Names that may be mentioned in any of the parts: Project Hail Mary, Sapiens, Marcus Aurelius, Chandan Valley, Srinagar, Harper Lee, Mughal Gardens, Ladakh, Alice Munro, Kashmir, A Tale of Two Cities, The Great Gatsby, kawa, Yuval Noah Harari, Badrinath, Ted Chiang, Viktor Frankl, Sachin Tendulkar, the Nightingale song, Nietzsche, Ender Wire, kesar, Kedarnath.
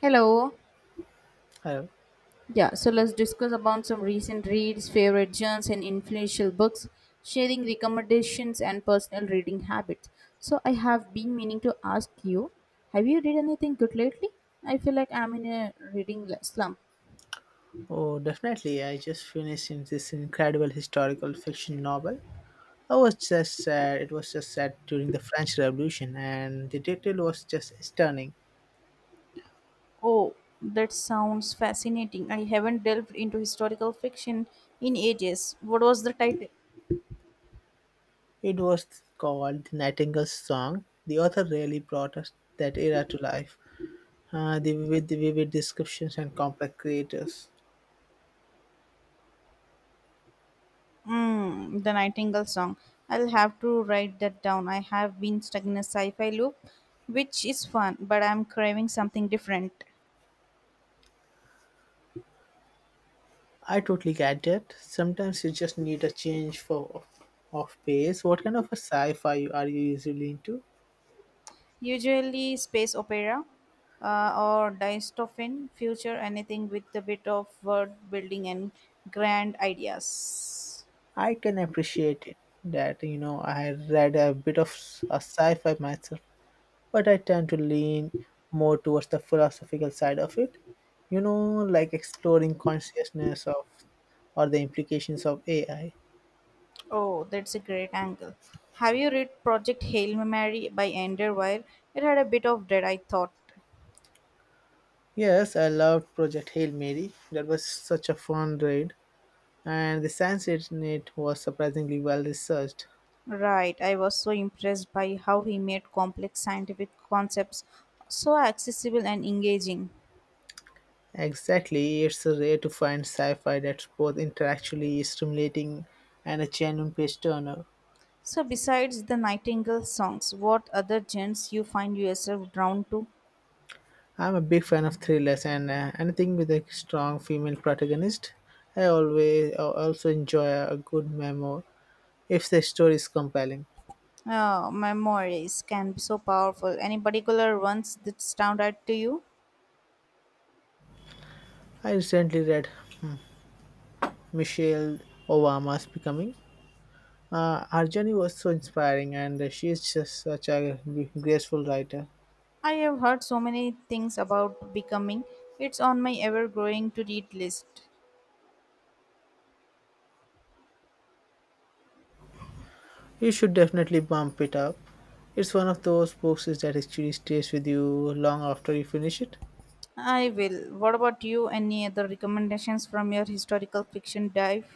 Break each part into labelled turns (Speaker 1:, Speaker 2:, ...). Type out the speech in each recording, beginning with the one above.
Speaker 1: Hello.
Speaker 2: Hello.
Speaker 1: Yeah, so let's discuss about some recent reads, favorite genres, and influential books, sharing recommendations and personal reading habits. So I have been meaning to ask you, have you read anything good lately? I feel like I'm in a reading slump.
Speaker 2: Oh, definitely. I just finished in this incredible historical fiction novel. I was just sad. It was just set during the French Revolution, and the detail was just stunning.
Speaker 1: Oh, that sounds fascinating. I haven't delved into historical fiction in ages. What was the title?
Speaker 2: It was called The Nightingale's Song. The author really brought us that era to life. The vivid descriptions and complex creators.
Speaker 1: Mm, the Nightingale song. I'll have to write that down. I have been stuck in a sci fi loop, which is fun, but I'm craving something different.
Speaker 2: I totally get that. Sometimes you just need a change for of pace. What kind of a are you usually into?
Speaker 1: Usually, space opera or dystopian future, anything with a bit of world building and grand ideas.
Speaker 2: I can appreciate it that you know I read a bit of a sci-fi myself, but I tend to lean more towards the philosophical side of it. You know, like exploring consciousness of or the implications of AI.
Speaker 1: Oh, that's a great angle. Have you read Project Hail Mary by Ender Wire? It had a bit of dread, I thought.
Speaker 2: Yes, I loved Project Hail Mary. That was such a fun read, and the science in it was surprisingly well researched.
Speaker 1: Right, I was so impressed by how he made complex scientific concepts so accessible and engaging.
Speaker 2: Exactly, it's rare to find sci-fi that's both intellectually stimulating and a genuine page turner.
Speaker 1: So, besides the Nightingale songs, what other genres you find yourself drawn to?
Speaker 2: I'm a big fan of thrillers and anything with a strong female protagonist. I also enjoy a good memoir if the story is compelling.
Speaker 1: Memories can be so powerful. Any particular ones that stand out to you?
Speaker 2: I recently read Michelle Obama's Becoming. Her journey was so inspiring, and she is just such a graceful writer.
Speaker 1: I have heard so many things about becoming. It's on my ever-growing to-read list.
Speaker 2: You should definitely bump it up. It's one of those books that actually stays with you long after you finish it.
Speaker 1: I will. What about you? Any other recommendations from your historical fiction dive?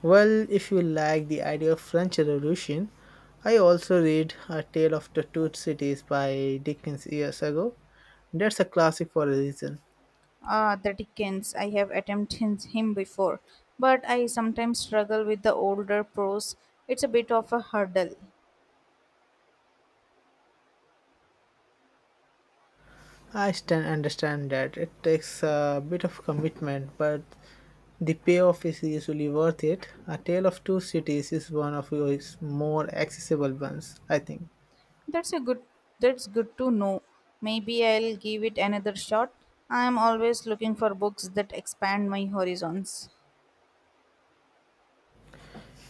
Speaker 2: Well, if you like the idea of French Revolution, I also read A Tale of the Two Cities by Dickens years ago. That's a classic for a reason.
Speaker 1: Ah, the Dickens. I have attempted him before, but I sometimes struggle with the older prose. It's a bit of a hurdle.
Speaker 2: I stand understand that it takes a bit of commitment, but the payoff is usually worth it. A Tale of Two Cities is one of his more accessible ones, I think.
Speaker 1: That's a good. That's good to know. Maybe I'll give it another shot. I'm always looking for books that expand my horizons.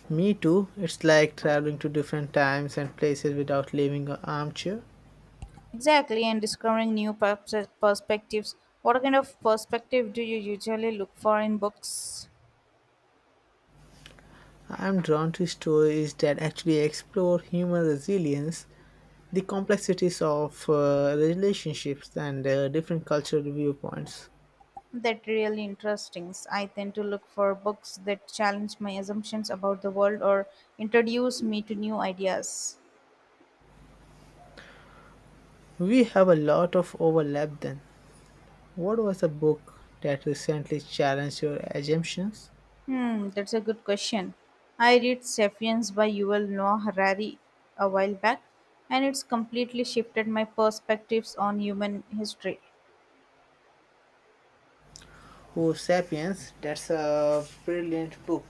Speaker 2: Me too. It's like traveling to different times and places without leaving an armchair.
Speaker 1: Exactly, and discovering new perspectives. What kind of perspective do you usually look for in books?
Speaker 2: I'm drawn to stories that actually explore human resilience, the complexities of relationships, and different cultural viewpoints.
Speaker 1: That really interesting. I tend to look for books that challenge my assumptions about the world or introduce me to new ideas.
Speaker 2: We have a lot of overlap then. What was a book that recently challenged your assumptions?
Speaker 1: Hmm, that's a good question. I read *Sapiens* by Yuval Noah Harari a while back, and it's completely shifted my perspectives on human history.
Speaker 2: Oh, Sapiens, that's a brilliant book.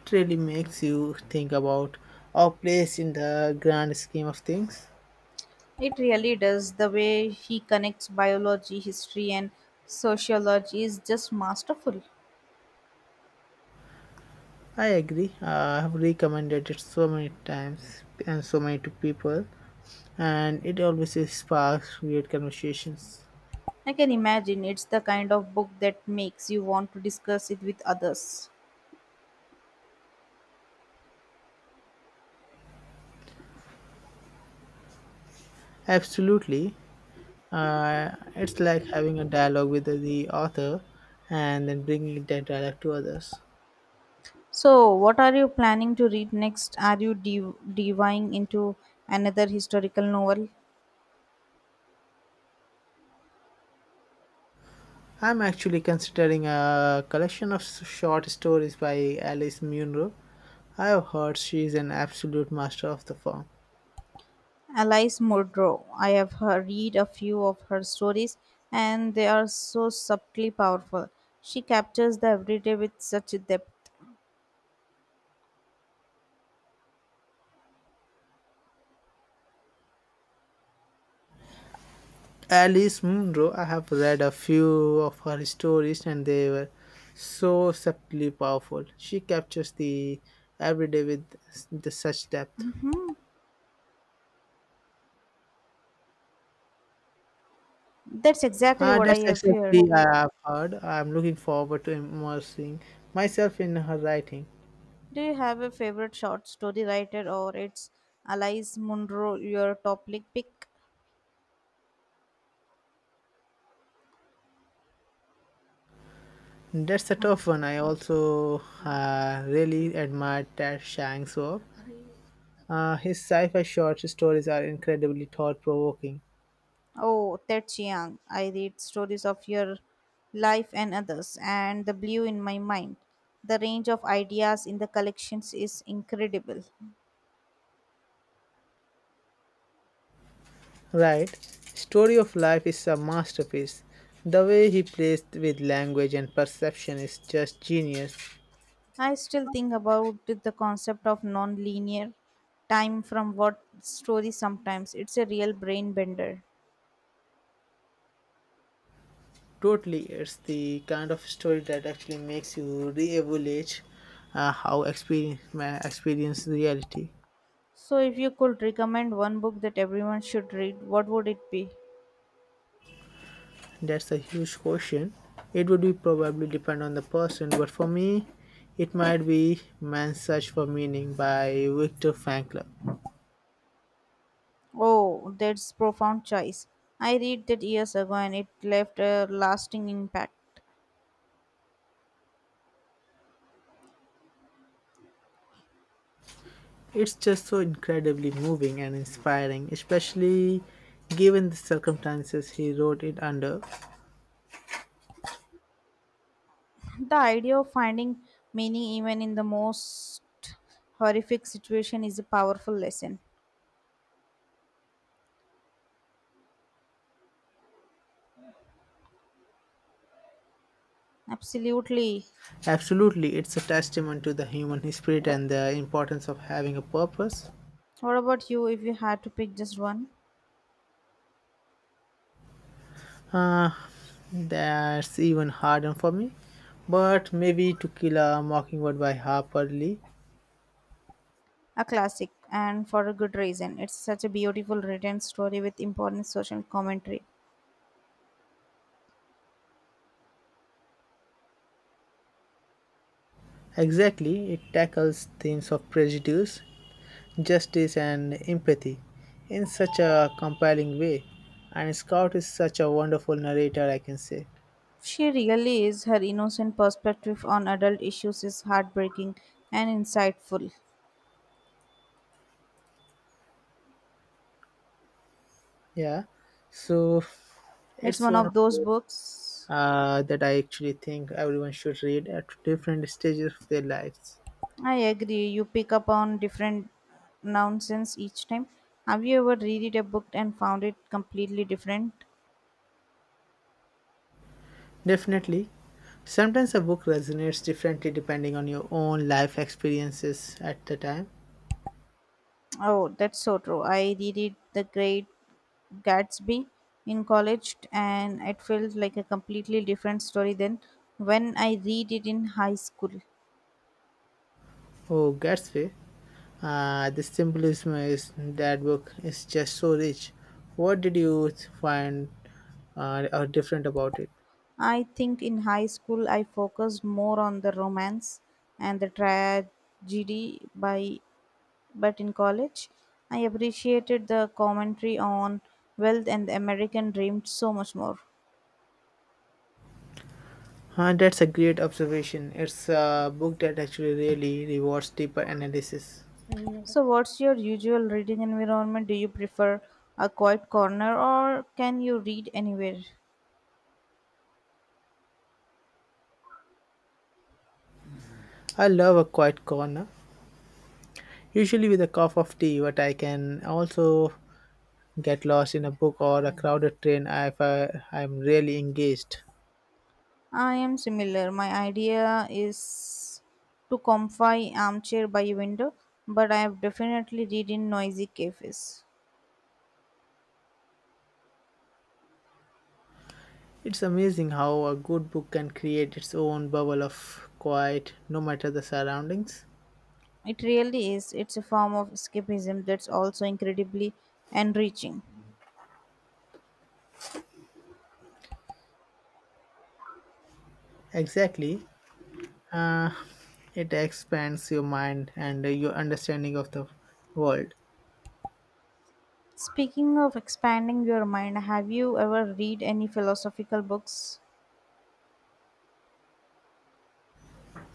Speaker 2: It really makes you think about our place in the grand scheme of things.
Speaker 1: It really does. The way he connects biology, history, and sociology is just masterful.
Speaker 2: I agree. I have recommended it so many times and so many to people, and it always sparks weird conversations.
Speaker 1: I can imagine it's the kind of book that makes you want to discuss it with others.
Speaker 2: Absolutely. It's like having a dialogue with the author and then bringing that dialogue to others.
Speaker 1: So, what are you planning to read next? Are you diving into another historical novel?
Speaker 2: I'm actually considering a collection of short stories by Alice Munro. I have heard she's an absolute master of the form.
Speaker 1: Alice Munro. I have her read a few of her stories, and they are so subtly powerful. She captures the everyday with such depth.
Speaker 2: Alice Munro, I have read a few of her stories and they were so subtly powerful. She captures the everyday with the such depth.
Speaker 1: That's exactly what I
Speaker 2: That's
Speaker 1: have heard.
Speaker 2: exactly I have heard. I'm looking forward to immersing myself in her writing.
Speaker 1: Do you have a favorite short story writer, or it's Alice Munro your top pick?
Speaker 2: That's a tough one. I also really admire Ted Shang's work. His sci-fi short stories are incredibly thought-provoking.
Speaker 1: Oh, Ted Chiang. I read stories of your life and others, and the blew in my mind. The range of ideas in the collections is incredible.
Speaker 2: Right. Story of Life is a masterpiece. The way he plays with language and perception is just genius.
Speaker 1: I still think about the concept of non-linear time from what story sometimes. It's a real brain bender.
Speaker 2: Totally, it's the kind of story that actually makes you re-evaluate how experience experience reality.
Speaker 1: So if you could recommend one book that everyone should read, what would it be?
Speaker 2: That's a huge question. It would be probably depend on the person, but for me, it might be Man's Search for Meaning by Viktor Frankl.
Speaker 1: Oh, that's profound choice. I read that years ago and it left a lasting impact.
Speaker 2: It's just so incredibly moving and inspiring, especially given the circumstances he wrote it under.
Speaker 1: The idea of finding meaning even in the most horrific situation is a powerful lesson. Absolutely.
Speaker 2: Absolutely, it's a testament to the human spirit and the importance of having a purpose.
Speaker 1: What about you if you had to pick just one?
Speaker 2: Uh, that's even harder for me. But maybe To Kill a Mockingbird by Harper Lee.
Speaker 1: A classic, and for a good reason. It's such a beautiful written story with important social commentary.
Speaker 2: Exactly, it tackles themes of prejudice, justice, and empathy in such a compelling way. And Scout is such a wonderful narrator, I can say.
Speaker 1: She really is. Her innocent perspective on adult issues is heartbreaking and insightful.
Speaker 2: Yeah, so
Speaker 1: It's
Speaker 2: it's
Speaker 1: one
Speaker 2: one of
Speaker 1: of those
Speaker 2: those
Speaker 1: books.
Speaker 2: uh, that I actually think everyone should read at different stages of their lives.
Speaker 1: I agree. You pick up on different nonsense each time. Have you ever reread a book and found it completely different?
Speaker 2: Definitely. Sometimes a book resonates differently depending on your own life experiences at the time.
Speaker 1: Oh, that's so true. I reread The Great Gatsby in college and it felt like a completely different story than when I read it in high school.
Speaker 2: Oh, Gatsby. The symbolism is that book is just so rich. What did you find are different about it?
Speaker 1: I think in high school I focused more on the romance and the tragedy by. But in college, I appreciated the commentary on wealth and the American dream so much more.
Speaker 2: That's a great observation. It's a book that actually really rewards deeper analysis.
Speaker 1: So, what's your usual reading environment? Do you prefer a quiet corner or can you read anywhere?
Speaker 2: I love a quiet corner, usually with a cup of tea, but I can also get lost in a book or a crowded train if I'm really engaged.
Speaker 1: I am similar. My idea is to comfy armchair by a window, but I have definitely read in noisy cafes.
Speaker 2: It's amazing how a good book can create its own bubble of quiet no matter the surroundings.
Speaker 1: It really is. It's a form of escapism that's also incredibly enriching.
Speaker 2: Exactly. Uh, it expands your mind and your understanding of the world.
Speaker 1: Speaking of expanding your mind, have you ever read any philosophical books?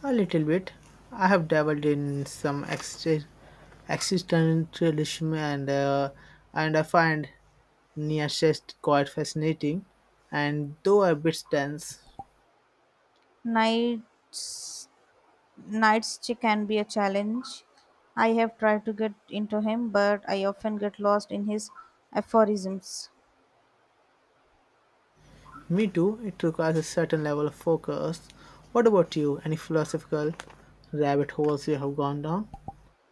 Speaker 2: A little bit. I have dabbled in some existentialism and I find Nietzsche quite fascinating and though a bit dense.
Speaker 1: Nights Nights can be a challenge. I have tried to get into him, but I often get lost in his aphorisms.
Speaker 2: Me too, it requires a certain level of focus. What about you? Any philosophical rabbit holes you have gone down?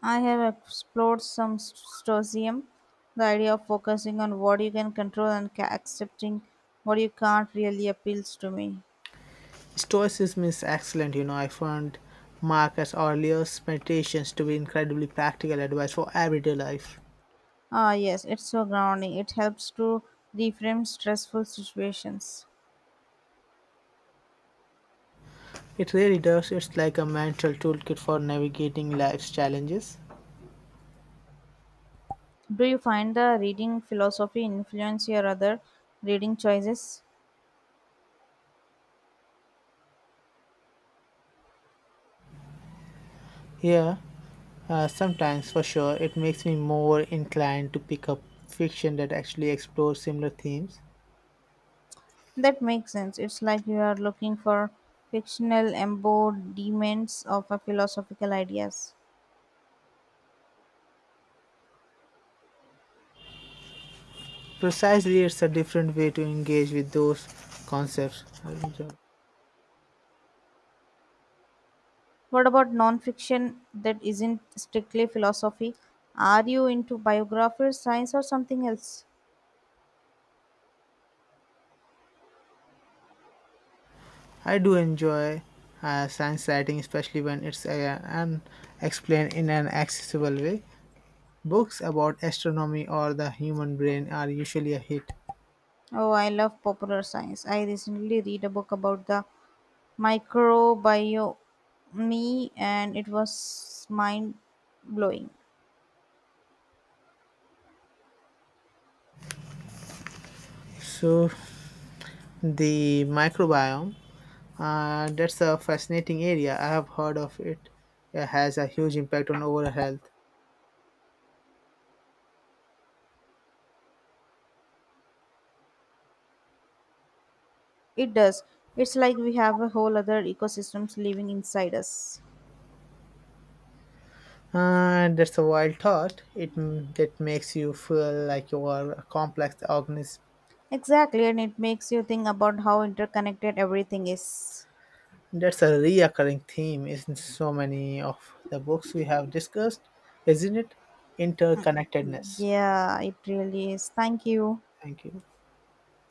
Speaker 1: I have explored some stoicism, the idea of focusing on what you can control and accepting what you can't really appeals to me.
Speaker 2: Stoicism is excellent, you know. I found Marcus Aurelius' meditations to be incredibly practical advice for everyday life.
Speaker 1: Ah, yes, it's so grounding. It helps to reframe stressful situations.
Speaker 2: It really does, it's like a mental toolkit for navigating life's challenges.
Speaker 1: Do you find the reading philosophy influence your other reading choices?
Speaker 2: Yeah, sometimes for sure, it makes me more inclined to pick up fiction that actually explores similar themes.
Speaker 1: That makes sense. It's like you are looking for fictional embodiments of a philosophical ideas.
Speaker 2: Precisely, it's a different way to engage with those concepts I enjoy.
Speaker 1: What about nonfiction that isn't strictly philosophy? Are you into biographies, science, or something else?
Speaker 2: I do enjoy science writing, especially when it's and explained in an accessible way. Books about astronomy or the human brain are usually a hit.
Speaker 1: Oh, I love popular science. I recently read a book about the microbiome, and it was mind blowing.
Speaker 2: So the microbiome, that's a fascinating area. I have heard of it. It has a huge impact on overall health.
Speaker 1: It does. It's like we have a whole other ecosystems living inside us.
Speaker 2: And that's a wild thought. It that makes you feel like you are a complex organism.
Speaker 1: Exactly, and it makes you think about how interconnected everything is.
Speaker 2: That's a reoccurring theme in so many of the books we have discussed, isn't it? Interconnectedness.
Speaker 1: Yeah, it really is. Thank you.
Speaker 2: Thank you.